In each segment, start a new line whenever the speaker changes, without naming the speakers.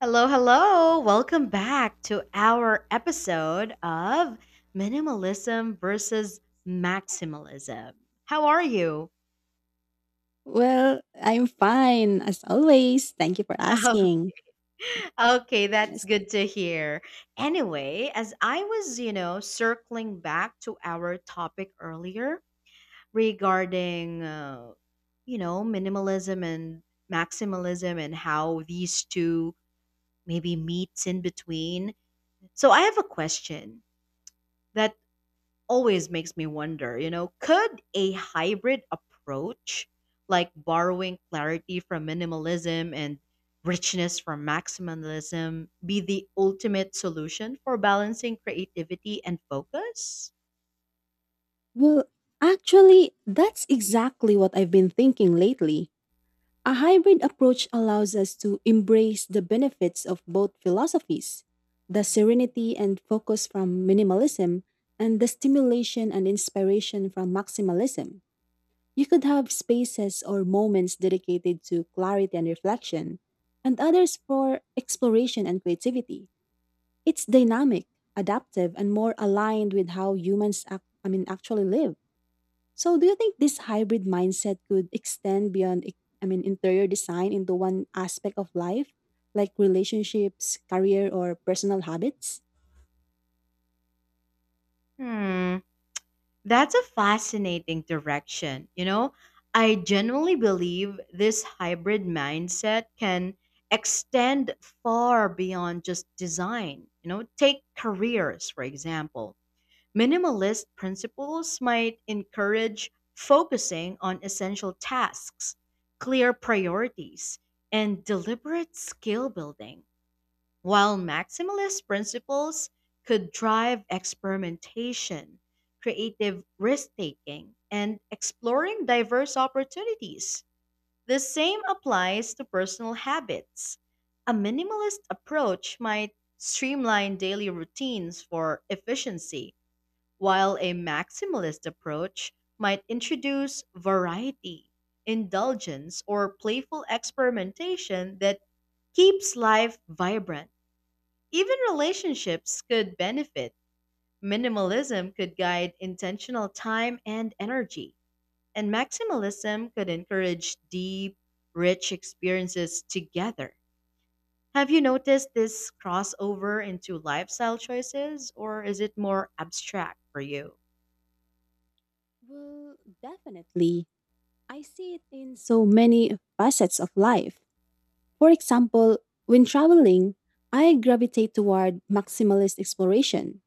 Hello, hello. Welcome back to our episode of Minimalism versus Maximalism. How are you?
Well, I'm fine as always. Thank you for
Oh,
asking.
okay, that's
Yes.
good to hear. Anyway, as I was, circling back to our topic earlier regarding, minimalism and maximalism and how these two maybe meets in between. So I have a question that always makes me wonder, you know, could a hybrid approach, like borrowing clarity from minimalism and richness from maximalism, be the ultimate solution for balancing creativity and focus?
Well, actually, that's exactly what I've been thinking lately. A hybrid approach allows us to embrace the benefits of both philosophies the serenity and focus from minimalism, and the stimulation and inspiration from maximalism. You could have spaces or moments dedicated to clarity and reflection, and others for exploration and creativity. It's dynamic, adaptive, and more aligned with how humans actually live. So do you think this hybrid mindset could extend beyond interior design into one aspect of life like relationships, career or personal habits?
Hmm, that's a fascinating direction. You know, I genuinely believe this hybrid mindset can extend far beyond just design. You know, take careers, for example. Minimalist principles might encourage focusing on essential tasks, clear priorities, and deliberate skill building, while maximalist principles could drive experimentation, creative risk taking, and exploring diverse opportunities. The same applies to personal habits. A minimalist approach might streamline daily routines for efficiency while a maximalist approach might introduce variety, indulgence, or playful experimentation that keeps life vibrant. Even relationships could benefit. Minimalism could guide intentional time and energy, and maximalism could encourage deep, rich experiences together. Have you noticed this crossover into lifestyle choices, or is it more abstract for you?
Well, definitely. I see it in so many facets of life. For example, when traveling, I gravitate toward maximalist exploration,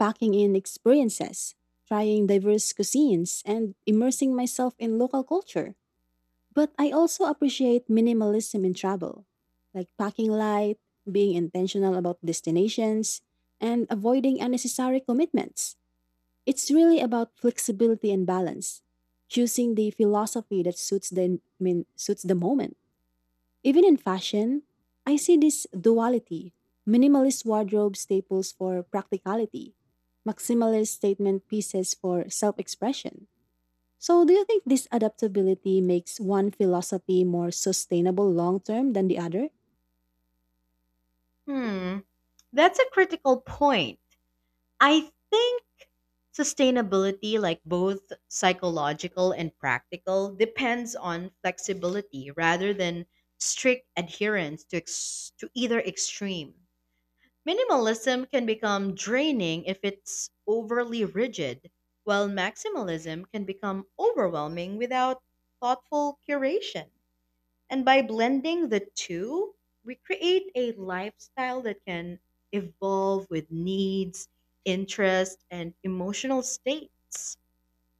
packing in experiences, trying diverse cuisines, and immersing myself in local culture. But I also appreciate minimalism in travel, like packing light, being intentional about destinations, and avoiding unnecessary commitments. It's really about flexibility and balance, choosing the philosophy that suits the moment. Even in fashion, I see this duality minimalist wardrobe staples for practicality, maximalist statement pieces for self expression. So, do you think this adaptability makes one philosophy more sustainable long term than the other?
Hmm. That's a critical point. I think sustainability, like both psychological and practical, depends on flexibility rather than strict adherence to, to either extreme. Minimalism can become draining if it's overly rigid, while maximalism can become overwhelming without thoughtful curation. And by blending the two, we create a lifestyle that can evolve with needs, interests, and emotional states.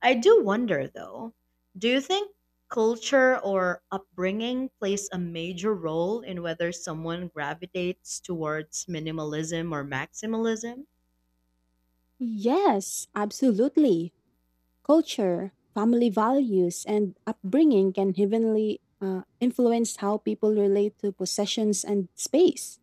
I do wonder though, do you think culture or upbringing plays a major role in whether someone gravitates towards minimalism or maximalism?
Yes, absolutely. Culture, family values, and upbringing can heavily influence how people relate to possessions and space.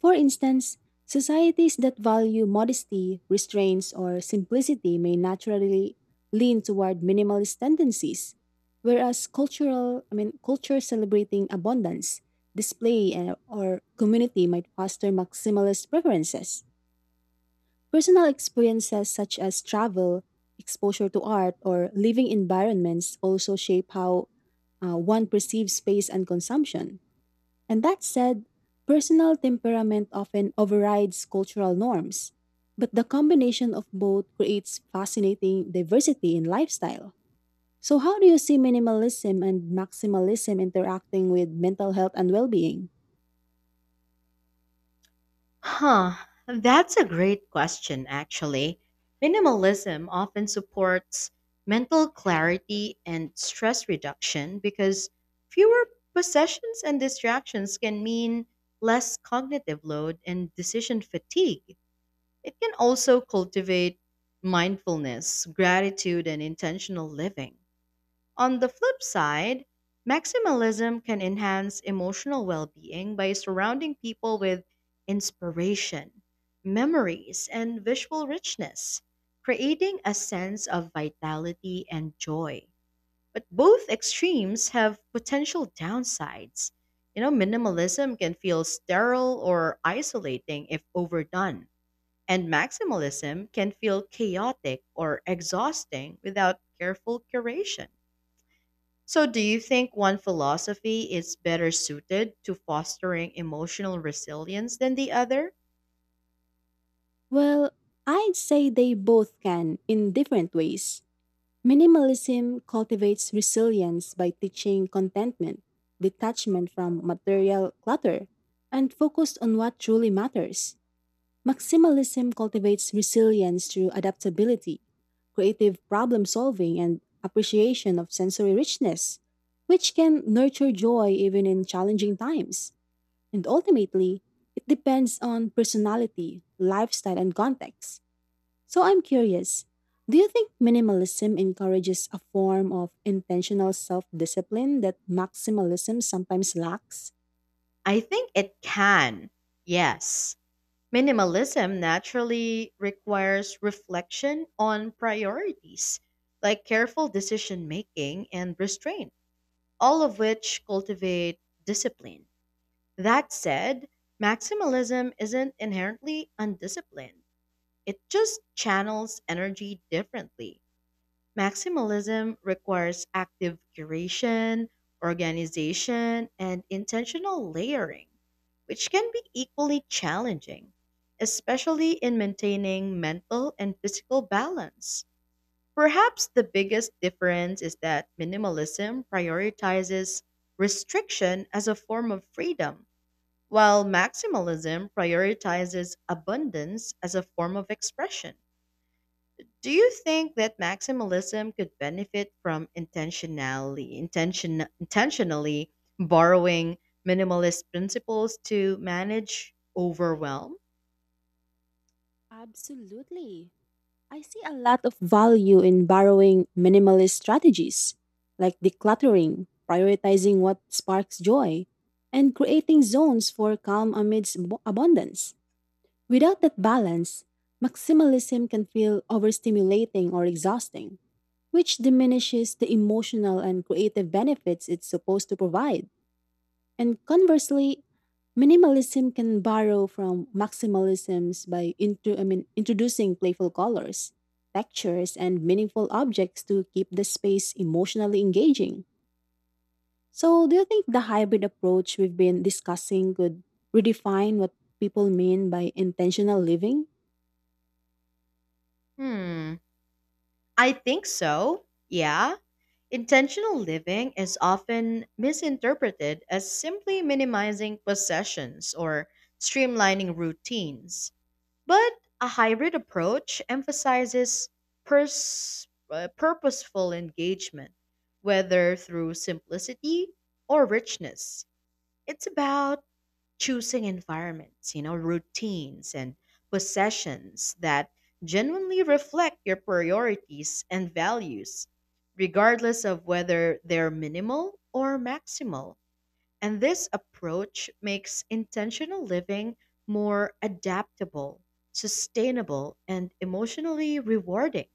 For instance, societies that value modesty, restraints, or simplicity may naturally lean toward minimalist tendencies, whereas culture celebrating abundance, display, or community might foster maximalist preferences. Personal experiences such as travel, exposure to art, or living environments also shape how one perceives space and consumption. And that said, personal temperament often overrides cultural norms, but the combination of both creates fascinating diversity in lifestyle. So, how do you see minimalism and maximalism interacting with mental health and well being?
Huh, that's a great question, actually. Minimalism often supports mental clarity and stress reduction because fewer possessions and distractions can mean less cognitive load and decision fatigue. It can also cultivate mindfulness, gratitude, and intentional living. On the flip side, maximalism can enhance emotional well being by surrounding people with inspiration, memories, and visual richness, creating a sense of vitality and joy. But both extremes have potential downsides. You know, minimalism can feel sterile or isolating if overdone, and maximalism can feel chaotic or exhausting without careful curation. So, do you think one philosophy is better suited to fostering emotional resilience than the other?
Well, I'd say they both can in different ways. Minimalism cultivates resilience by teaching contentment, detachment from material clutter, and focus on what truly matters. Maximalism cultivates resilience through adaptability, creative problem solving, and appreciation of sensory richness, which can nurture joy even in challenging times. And ultimately, it depends on personality, lifestyle, and context. So I'm curious, do you think minimalism encourages a form of intentional self discipline that maximalism sometimes lacks?
I think it can. Yes. Minimalism naturally requires reflection on priorities, like careful decision making and restraint, all of which cultivate discipline. That said, maximalism isn't inherently undisciplined, it just channels energy differently. Maximalism requires active curation, organization, and intentional layering, which can be equally challenging, especially in maintaining mental and physical balance. Perhaps the biggest difference is that minimalism prioritizes restriction as a form of freedom, while maximalism prioritizes abundance as a form of expression. Do you think that maximalism could benefit from intentionally borrowing minimalist principles to manage overwhelm?
Absolutely. I see a lot of value in borrowing minimalist strategies, like decluttering, prioritizing what sparks joy, and creating zones for calm amidst abundance. Without that balance, maximalism can feel overstimulating or exhausting, which diminishes the emotional and creative benefits it's supposed to provide. And conversely, minimalism can borrow from maximalisms by introducing playful colors, textures, and meaningful objects to keep the space emotionally engaging. So, do you think the hybrid approach we've been discussing could redefine what people mean by intentional living?
Hmm, I think so. Yeah. Intentional living is often misinterpreted as simply minimizing possessions or streamlining routines, but a hybrid approach emphasizes purposeful engagement, whether through simplicity or richness. It's about choosing environments, you know, routines and possessions that genuinely reflect your priorities and values, regardless of whether they're minimal or maximal. And this approach makes intentional living more adaptable, sustainable, and emotionally rewarding.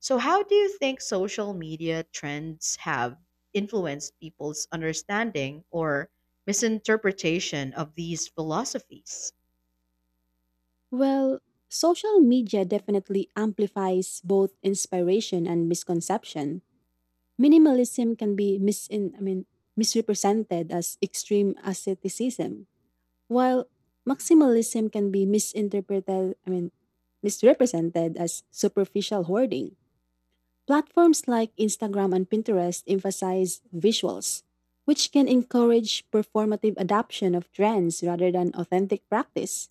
So, how do you think social media trends have influenced people's understanding or misinterpretation of these philosophies?
Well, social media definitely amplifies both inspiration and misconception. Minimalism can be misin I mean misrepresented as extreme asceticism, while maximalism can be misinterpreted, I mean misrepresented as superficial hoarding. Platforms like Instagram and Pinterest emphasize visuals, which can encourage performative adoption of trends rather than authentic practice.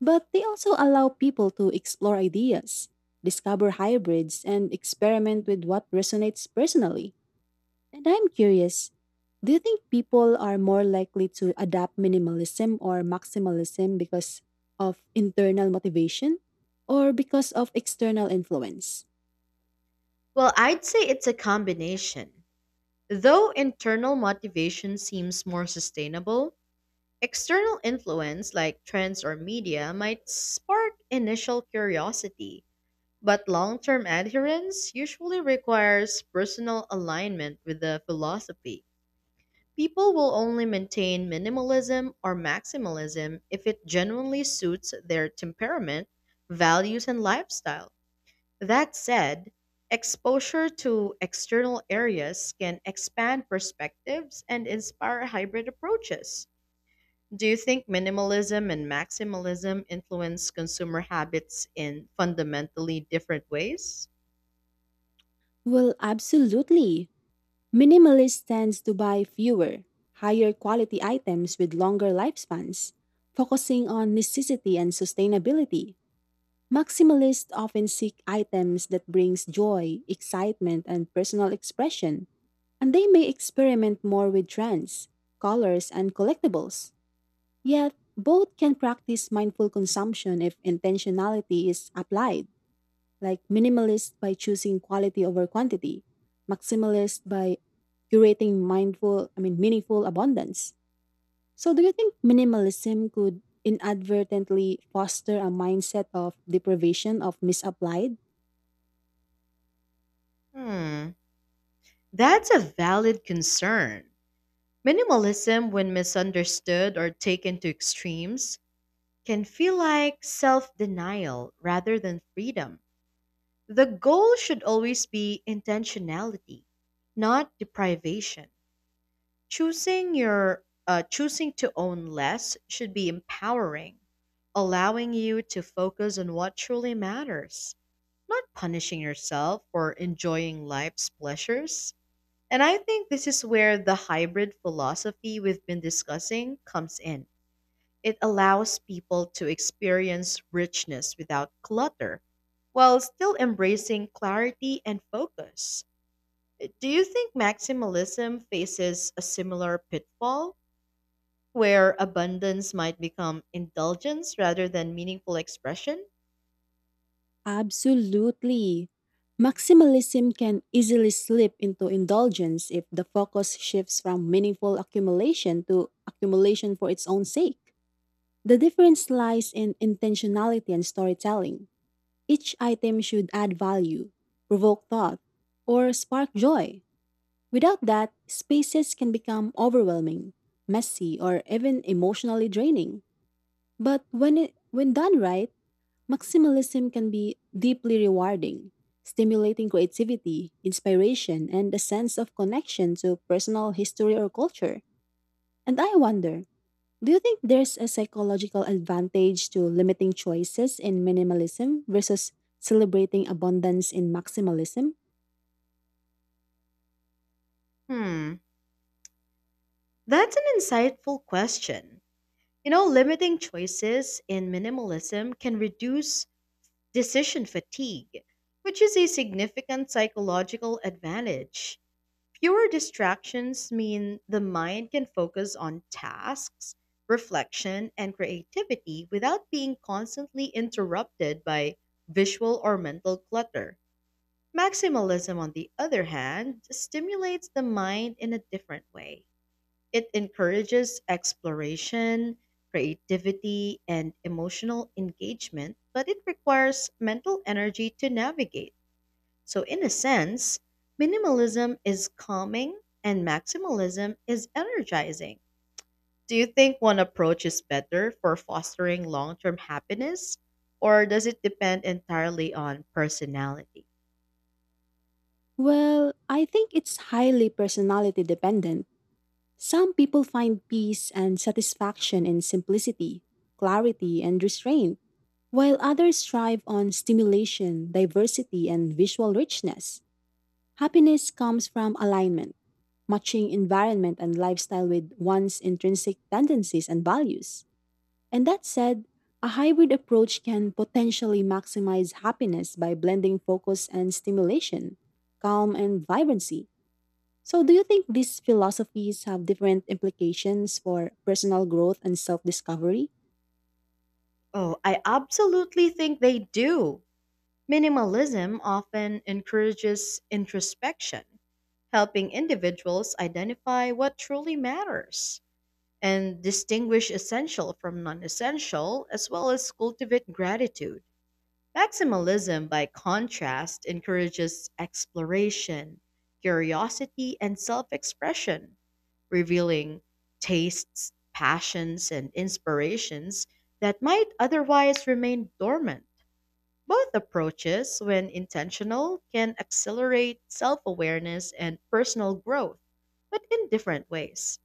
But they also allow people to explore ideas, discover hybrids, and experiment with what resonates personally. And I'm curious, do you think people are more likely to adopt minimalism or maximalism because of internal motivation or because of external influence?
Well, I'd say it's a combination. Though internal motivation seems more sustainable, external influence like trends or media might spark initial curiosity. But long term adherence usually requires personal alignment with the philosophy. People will only maintain minimalism or maximalism if it genuinely suits their temperament, values, and lifestyle. That said, exposure to external areas can expand perspectives and inspire hybrid approaches. Do you think minimalism and maximalism influence consumer habits in fundamentally different ways?
Well, absolutely. Minimalist tends to buy fewer, higher quality items with longer lifespans, focusing on necessity and sustainability. Maximalists often seek items that brings joy, excitement, and personal expression, and they may experiment more with trends, colors, and collectibles. Yet, both can practice mindful consumption if intentionality is applied, like minimalist by choosing quality over quantity, maximalist by curating meaningful abundance. So, do you think minimalism could inadvertently foster a mindset of deprivation of misapplied?
Hmm, that's a valid concern. Minimalism, when misunderstood or taken to extremes, can feel like self denial rather than freedom. The goal should always be intentionality, not deprivation. Choosing to own less should be empowering, allowing you to focus on what truly matters, not punishing yourself for enjoying life's pleasures. And I think this is where the hybrid philosophy we've been discussing comes in. It allows people to experience richness without clutter while still embracing clarity and focus. Do you think maximalism faces a similar pitfall where abundance might become indulgence rather than meaningful expression?
Absolutely. Maximalism can easily slip into indulgence if the focus shifts from meaningful accumulation to accumulation for its own sake. The difference lies in intentionality and storytelling. Each item should add value, provoke thought, or spark joy. Without that, spaces can become overwhelming, messy, or even emotionally draining. But when done right, maximalism can be deeply rewarding, stimulating creativity, inspiration, and a sense of connection to personal history or culture. And I wonder, do you think there's a psychological advantage to limiting choices in minimalism versus celebrating abundance in maximalism?
Hmm, that's an insightful question. You know, limiting choices in minimalism can reduce decision fatigue, which is a significant psychological advantage. Fewer distractions mean the mind can focus on tasks, reflection, and creativity without being constantly interrupted by visual or mental clutter. Maximalism, on the other hand, stimulates the mind in a different way. It encourages exploration, creativity, and emotional engagement, but it requires mental energy to navigate. So, in a sense, minimalism is calming and maximalism is energizing. Do you think one approach is better for fostering long term happiness, or does it depend entirely on personality?
Well, I think it's highly personality dependent. Some people find peace and satisfaction in simplicity, clarity, and restraint, while others thrive on stimulation, diversity, and visual richness. Happiness comes from alignment, matching environment and lifestyle with one's intrinsic tendencies and values. And that said, a hybrid approach can potentially maximize happiness by blending focus and stimulation, calm and vibrancy. So, do you think these philosophies have different implications for personal growth and self discovery?
Oh, I absolutely think they do. Minimalism often encourages introspection, helping individuals identify what truly matters and distinguish essential from non essential, as well as cultivate gratitude. Maximalism, by contrast, encourages exploration, curiosity, and self expression, revealing tastes, passions, and inspirations that might otherwise remain dormant. Both approaches, when intentional, can accelerate self awareness and personal growth, but in different ways.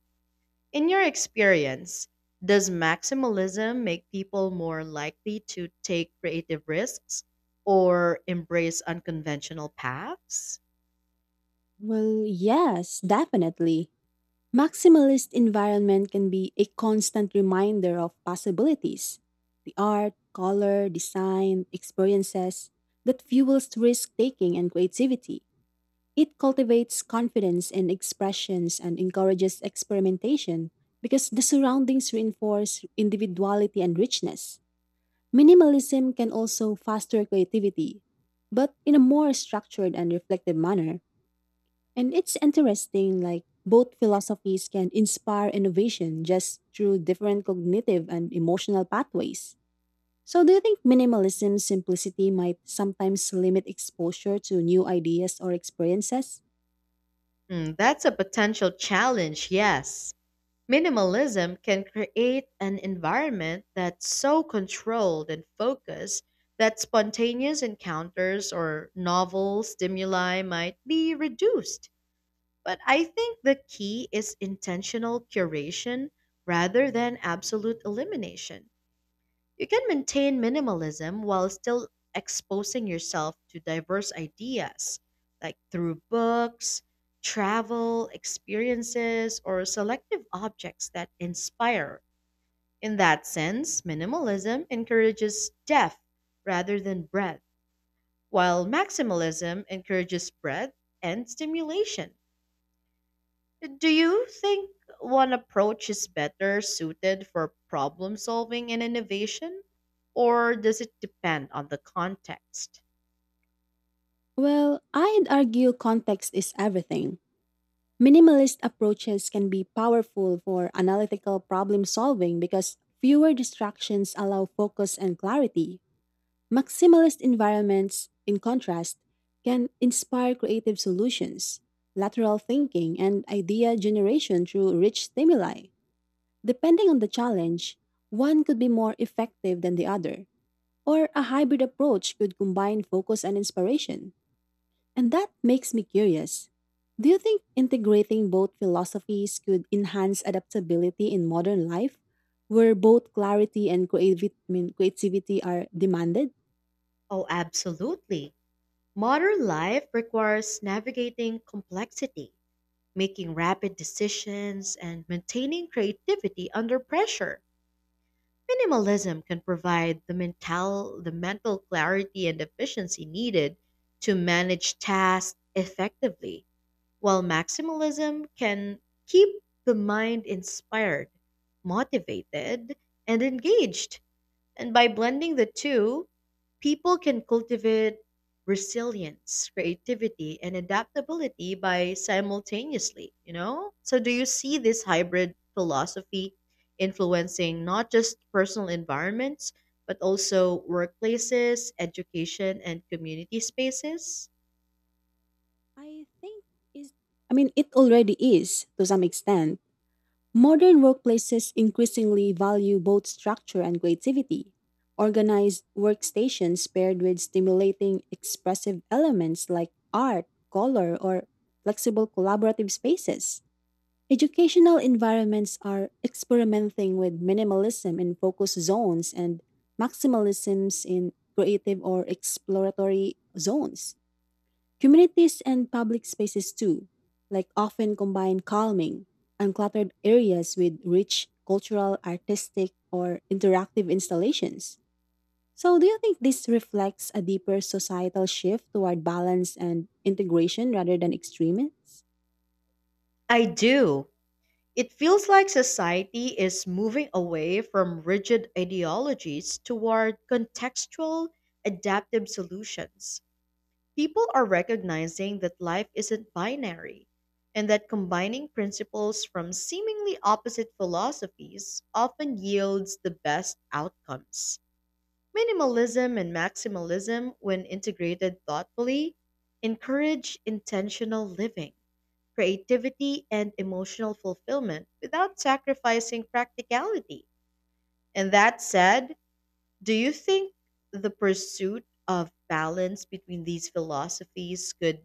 In your experience, does maximalism make people more likely to take creative risks or embrace unconventional paths?
Well, yes, definitely. Maximalist environment can be a constant reminder of possibilities. The art, color, design, experiences that fuels risk taking and creativity. It cultivates confidence in expressions and encourages experimentation because the surroundings reinforce individuality and richness. Minimalism can also foster creativity, but in a more structured and reflective manner. And it's interesting, like, both philosophies can inspire innovation just through different cognitive and emotional pathways. So, do you think minimalism's simplicity might sometimes limit exposure to new ideas or experiences?
Hmm, that's a potential challenge, yes. Minimalism can create an environment that's so controlled and focused that spontaneous encounters or novel stimuli might be reduced. But I think the key is intentional curation rather than absolute elimination. You can maintain minimalism while still exposing yourself to diverse ideas, like through books, travel, experiences, or selective objects that inspire. In that sense, minimalism encourages depth rather than breadth, while maximalism encourages breadth and stimulation. Do you think one approach is better suited for problem solving and innovation? Or does it depend on the context?
Well, I'd argue context is everything. Minimalist approaches can be powerful for analytical problem solving because fewer distractions allow focus and clarity. Maximalist environments, in contrast, can inspire creative solutions, lateral thinking, and idea generation through rich stimuli. Depending on the challenge, one could be more effective than the other, or a hybrid approach could combine focus and inspiration. And that makes me curious. Do you think integrating both philosophies could enhance adaptability in modern life, where both clarity and creativity are demanded?
Oh, absolutely. Modern life requires navigating complexity, making rapid decisions, and maintaining creativity under pressure. Minimalism can provide the mental clarity and efficiency needed to manage tasks effectively. While maximalism can keep the mind inspired, motivated, and engaged. And by blending the two, people can cultivate resilience, creativity, and adaptability by simultaneously, you know? So do you see this hybrid philosophy influencing not just personal environments, but also workplaces, education, and community spaces?
I think is I mean it already is to some extent. Modern workplaces increasingly value both structure and creativity. Organized workstations paired with stimulating expressive elements like art, color, or flexible collaborative spaces. Educational environments are experimenting with minimalism in focus zones and maximalisms in creative or exploratory zones. Communities and public spaces, too, like often combine calming, uncluttered areas with rich cultural, artistic, or interactive installations. So, do you think this reflects a deeper societal shift toward balance and integration rather than extremes?
I do. It feels like society is moving away from rigid ideologies toward contextual, adaptive solutions. People are recognizing that life isn't binary and that combining principles from seemingly opposite philosophies often yields the best outcomes. Minimalism and maximalism, when integrated thoughtfully, encourage intentional living creativity, and emotional fulfillment without sacrificing practicality. And that said, do you think the pursuit of balance between these philosophies could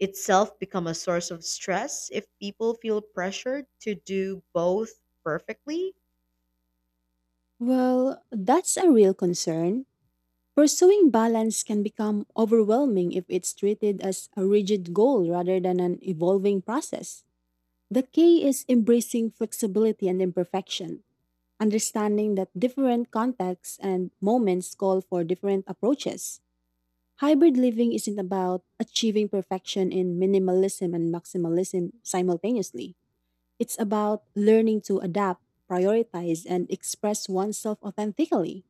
itself become a source of stress if people feel pressured to do both perfectly?
Well, that's a real concern. Pursuing balance can become overwhelming if it's treated as a rigid goal rather than an evolving process. The key is embracing flexibility and imperfection, understanding that different contexts and moments call for different approaches. Hybrid living isn't about achieving perfection in minimalism and maximalism simultaneously. It's about learning to adapt, prioritize, and express oneself authentically.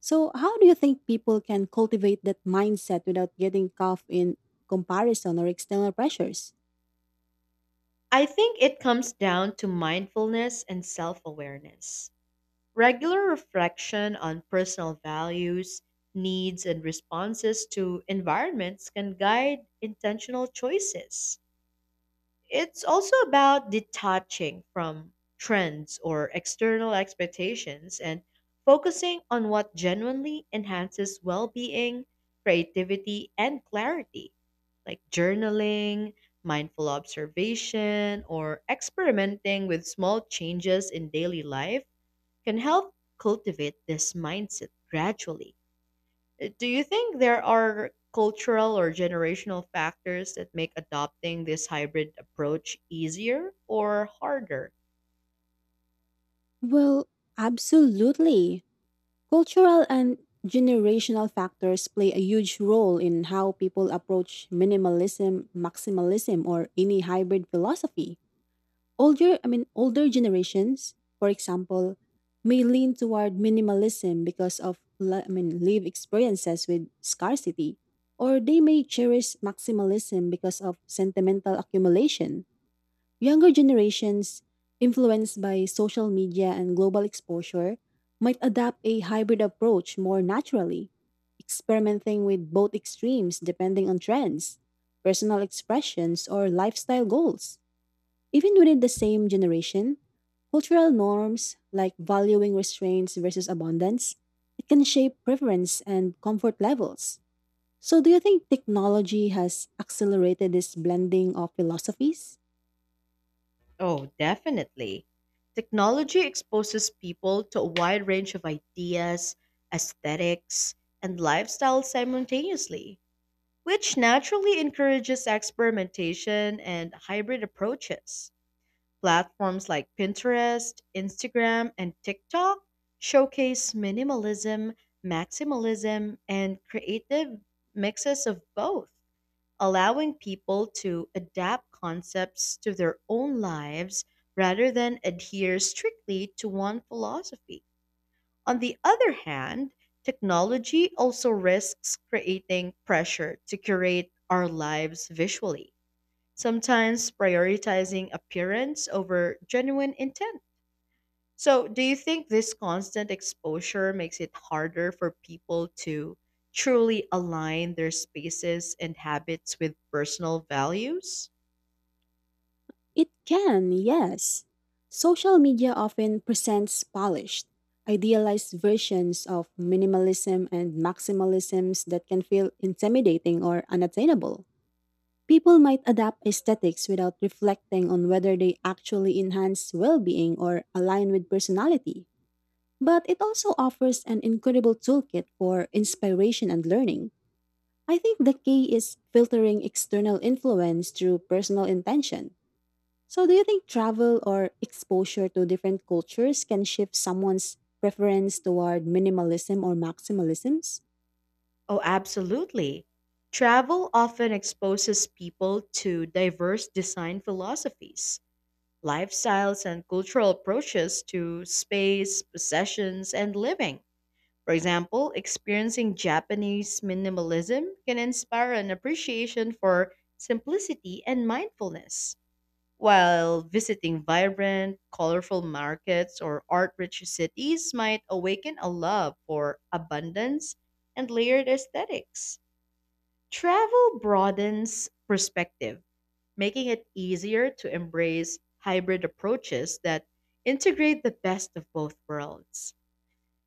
So, how do you think people can cultivate that mindset without getting caught in comparison or external pressures?
I think it comes down to mindfulness and self awareness. Regular reflection on personal values, needs, and responses to environments can guide intentional choices. It's also about detaching from trends or external expectations and focusing on what genuinely enhances well being, creativity, and clarity, like journaling, mindful observation, or experimenting with small changes in daily life can help cultivate this mindset gradually. Do you think there are cultural or generational factors that make adopting this hybrid approach easier or harder?
Well, absolutely. Cultural and generational factors play a huge role in how people approach minimalism, maximalism, or any hybrid philosophy. Older generations, for example, may lean toward minimalism because of, live experiences with scarcity, or they may cherish maximalism because of sentimental accumulation. Younger generations, influenced by social media and global exposure, might adopt a hybrid approach more naturally, experimenting with both extremes depending on trends, personal expressions, or lifestyle goals. Even within the same generation, cultural norms like valuing restraints versus abundance, it can shape preference and comfort levels. So do you think technology has accelerated this blending of philosophies?
Oh, definitely. Technology exposes people to a wide range of ideas, aesthetics, and lifestyles simultaneously, which naturally encourages experimentation and hybrid approaches. Platforms like Pinterest, Instagram, and TikTok showcase minimalism, maximalism, and creative mixes of both, allowing people to adapt concepts to their own lives rather than adhere strictly to one philosophy. On the other hand, technology also risks creating pressure to curate our lives visually sometimes prioritizing appearance over genuine intent. So, do you think this constant exposure makes it harder for people to truly align their spaces and habits with personal values?
It can, yes. Social media often presents polished, idealized versions of minimalism and maximalisms that can feel intimidating or unattainable. People might adapt aesthetics without reflecting on whether they actually enhance well being or align with personality. But it also offers an incredible toolkit for inspiration and learning. I think the key is filtering external influence through personal intention. So, do you think travel or exposure to different cultures can shift someone's preference toward minimalism or maximalisms?
Oh, absolutely. Travel often exposes people to diverse design philosophies, lifestyles, and cultural approaches to space, possessions, and living. For example, experiencing Japanese minimalism can inspire an appreciation for simplicity and mindfulness, while visiting vibrant, colorful markets or art rich cities might awaken a love for abundance and layered aesthetics. Travel broadens perspective, making it easier to embrace hybrid approaches that integrate the best of both worlds.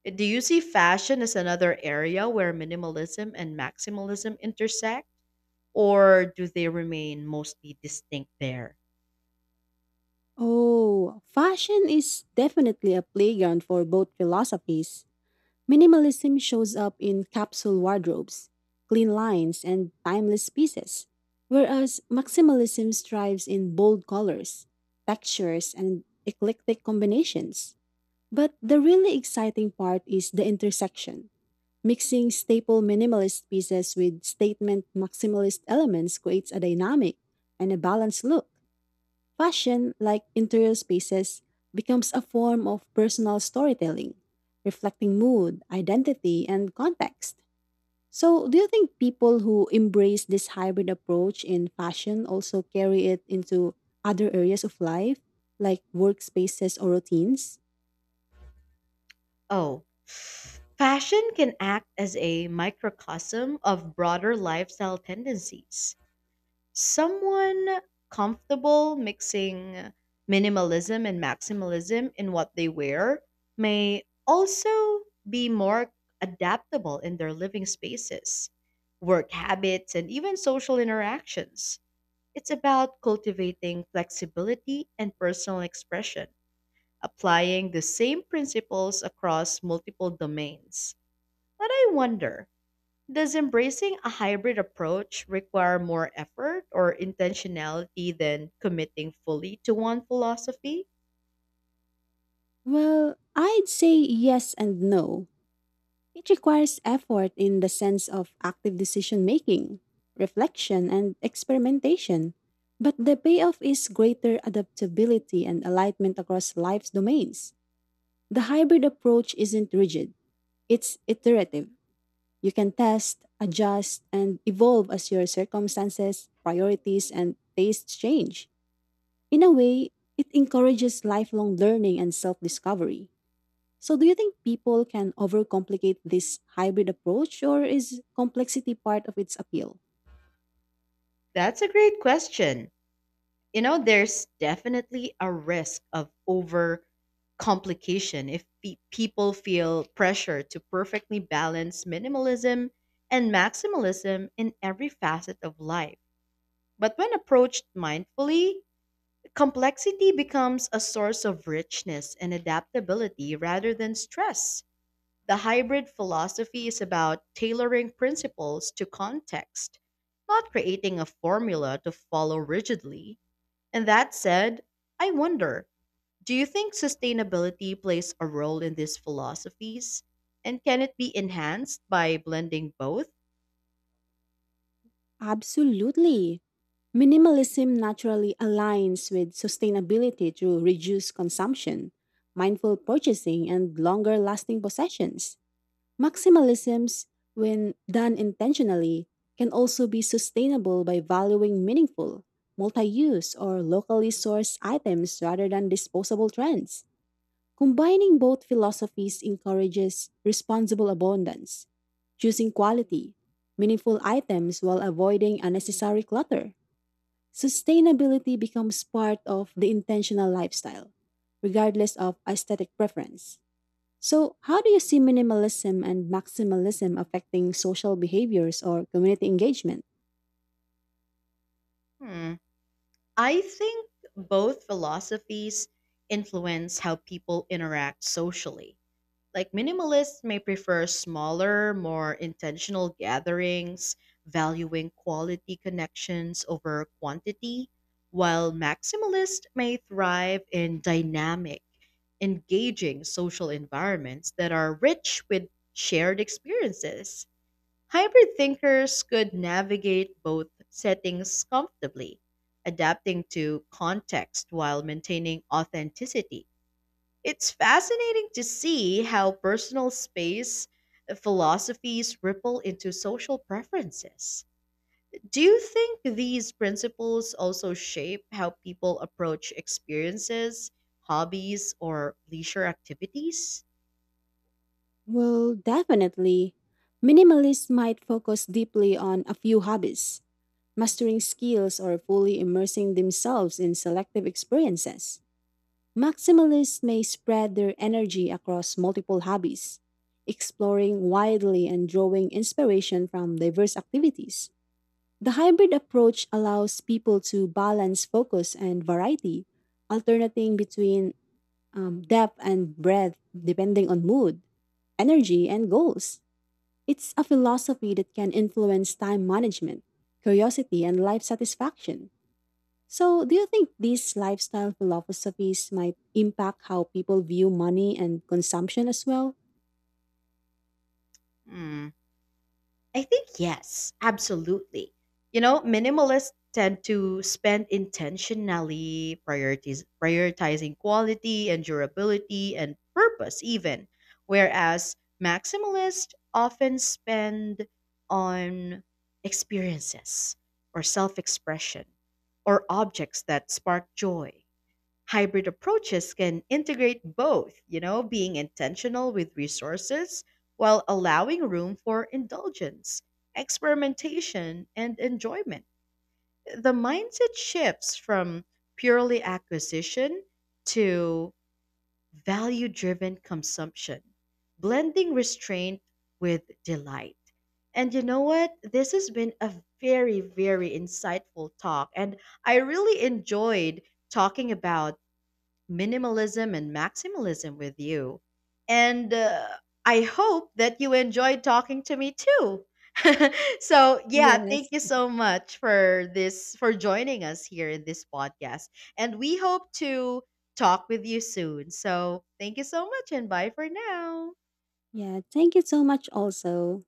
Do you see fashion as another area where minimalism and maximalism intersect, or do they remain mostly distinct there?
Oh, fashion is definitely a playground for both philosophies. Minimalism shows up in capsule wardrobes, clean lines, and timeless pieces, whereas maximalism strives in bold colors, textures, and eclectic combinations. But the really exciting part is the intersection. Mixing staple minimalist pieces with statement maximalist elements creates a dynamic and a balanced look. Fashion, like interior spaces, becomes a form of personal storytelling, reflecting mood, identity, and context. So, do you think people who embrace this hybrid approach in fashion also carry it into other areas of life, like workspaces or routines?
Oh, fashion can act as a microcosm of broader lifestyle tendencies. Someone comfortable mixing minimalism and maximalism in what they wear may also be more adaptable in their living spaces, work habits, and even social interactions. It's about cultivating flexibility and personal expression, applying the same principles across multiple domains. But I wonder, does embracing a hybrid approach require more effort or intentionality than committing fully to one philosophy?
Well, I'd say yes and no. It requires effort in the sense of active decision making, reflection, and experimentation, but the payoff is greater adaptability and alignment across life's domains. The hybrid approach isn't rigid, it's iterative. You can test, adjust, and evolve as your circumstances, priorities, and tastes change. In a way, it encourages lifelong learning and self discovery. So, do you think people can overcomplicate this hybrid approach, or is complexity part of its appeal?
That's a great question. You know, there's definitely a risk of over complication if people feel pressure to perfectly balance minimalism and maximalism in every facet of life. But when approached mindfully, complexity becomes a source of richness and adaptability rather than stress. The hybrid philosophy is about tailoring principles to context, not creating a formula to follow rigidly. And that said, I wonder, do you think sustainability plays a role in these philosophies? And can it be enhanced by blending both?
Absolutely. Minimalism naturally aligns with sustainability through reduced consumption, mindful purchasing, and longer lasting possessions. Maximalisms, when done intentionally, can also be sustainable by valuing meaningful, multi use, or locally sourced items rather than disposable trends. Combining both philosophies encourages responsible abundance, choosing quality, meaningful items while avoiding unnecessary clutter. Sustainability becomes part of the intentional lifestyle, regardless of aesthetic preference. So, how do you see minimalism and maximalism affecting social behaviors or community engagement?
Hmm. I think both philosophies influence how people interact socially. Like minimalists may prefer smaller, more intentional gatherings, valuing quality connections over quantity, while maximalists may thrive in dynamic, engaging social environments that are rich with shared experiences. Hybrid thinkers could navigate both settings comfortably, adapting to context while maintaining authenticity. It's fascinating to see how personal space philosophies ripple into social preferences. Do you think these principles also shape how people approach experiences, hobbies, or leisure activities?
Well, definitely. Minimalists might focus deeply on a few hobbies, mastering skills, or fully immersing themselves in selective experiences. Maximalists may spread their energy across multiple hobbies, exploring widely and drawing inspiration from diverse activities. The hybrid approach allows people to balance focus and variety, alternating between depth and breadth depending on mood, energy, and goals. It's a philosophy that can influence time management, curiosity, and life satisfaction. So, do you think these lifestyle philosophies might impact how people view money and consumption as well?
Hmm. I think yes, absolutely. You know, minimalists tend to spend intentionally priorities prioritizing quality and durability and purpose even, whereas maximalists often spend on experiences or self-expression or objects that spark joy. Hybrid approaches can integrate both, you know, being intentional with resources while allowing room for indulgence, experimentation, and enjoyment. The mindset shifts from purely acquisition to value driven consumption, blending restraint with delight. And you know what? This has been a very, very insightful talk. And I really enjoyed talking about minimalism and maximalism with you. And I hope that you enjoyed talking to me too. So, yeah, thank
Yes.
you so much for this, for joining us here in this podcast. And we hope to talk with you soon. So, thank you so much and bye for now.
Yeah, thank you so much also.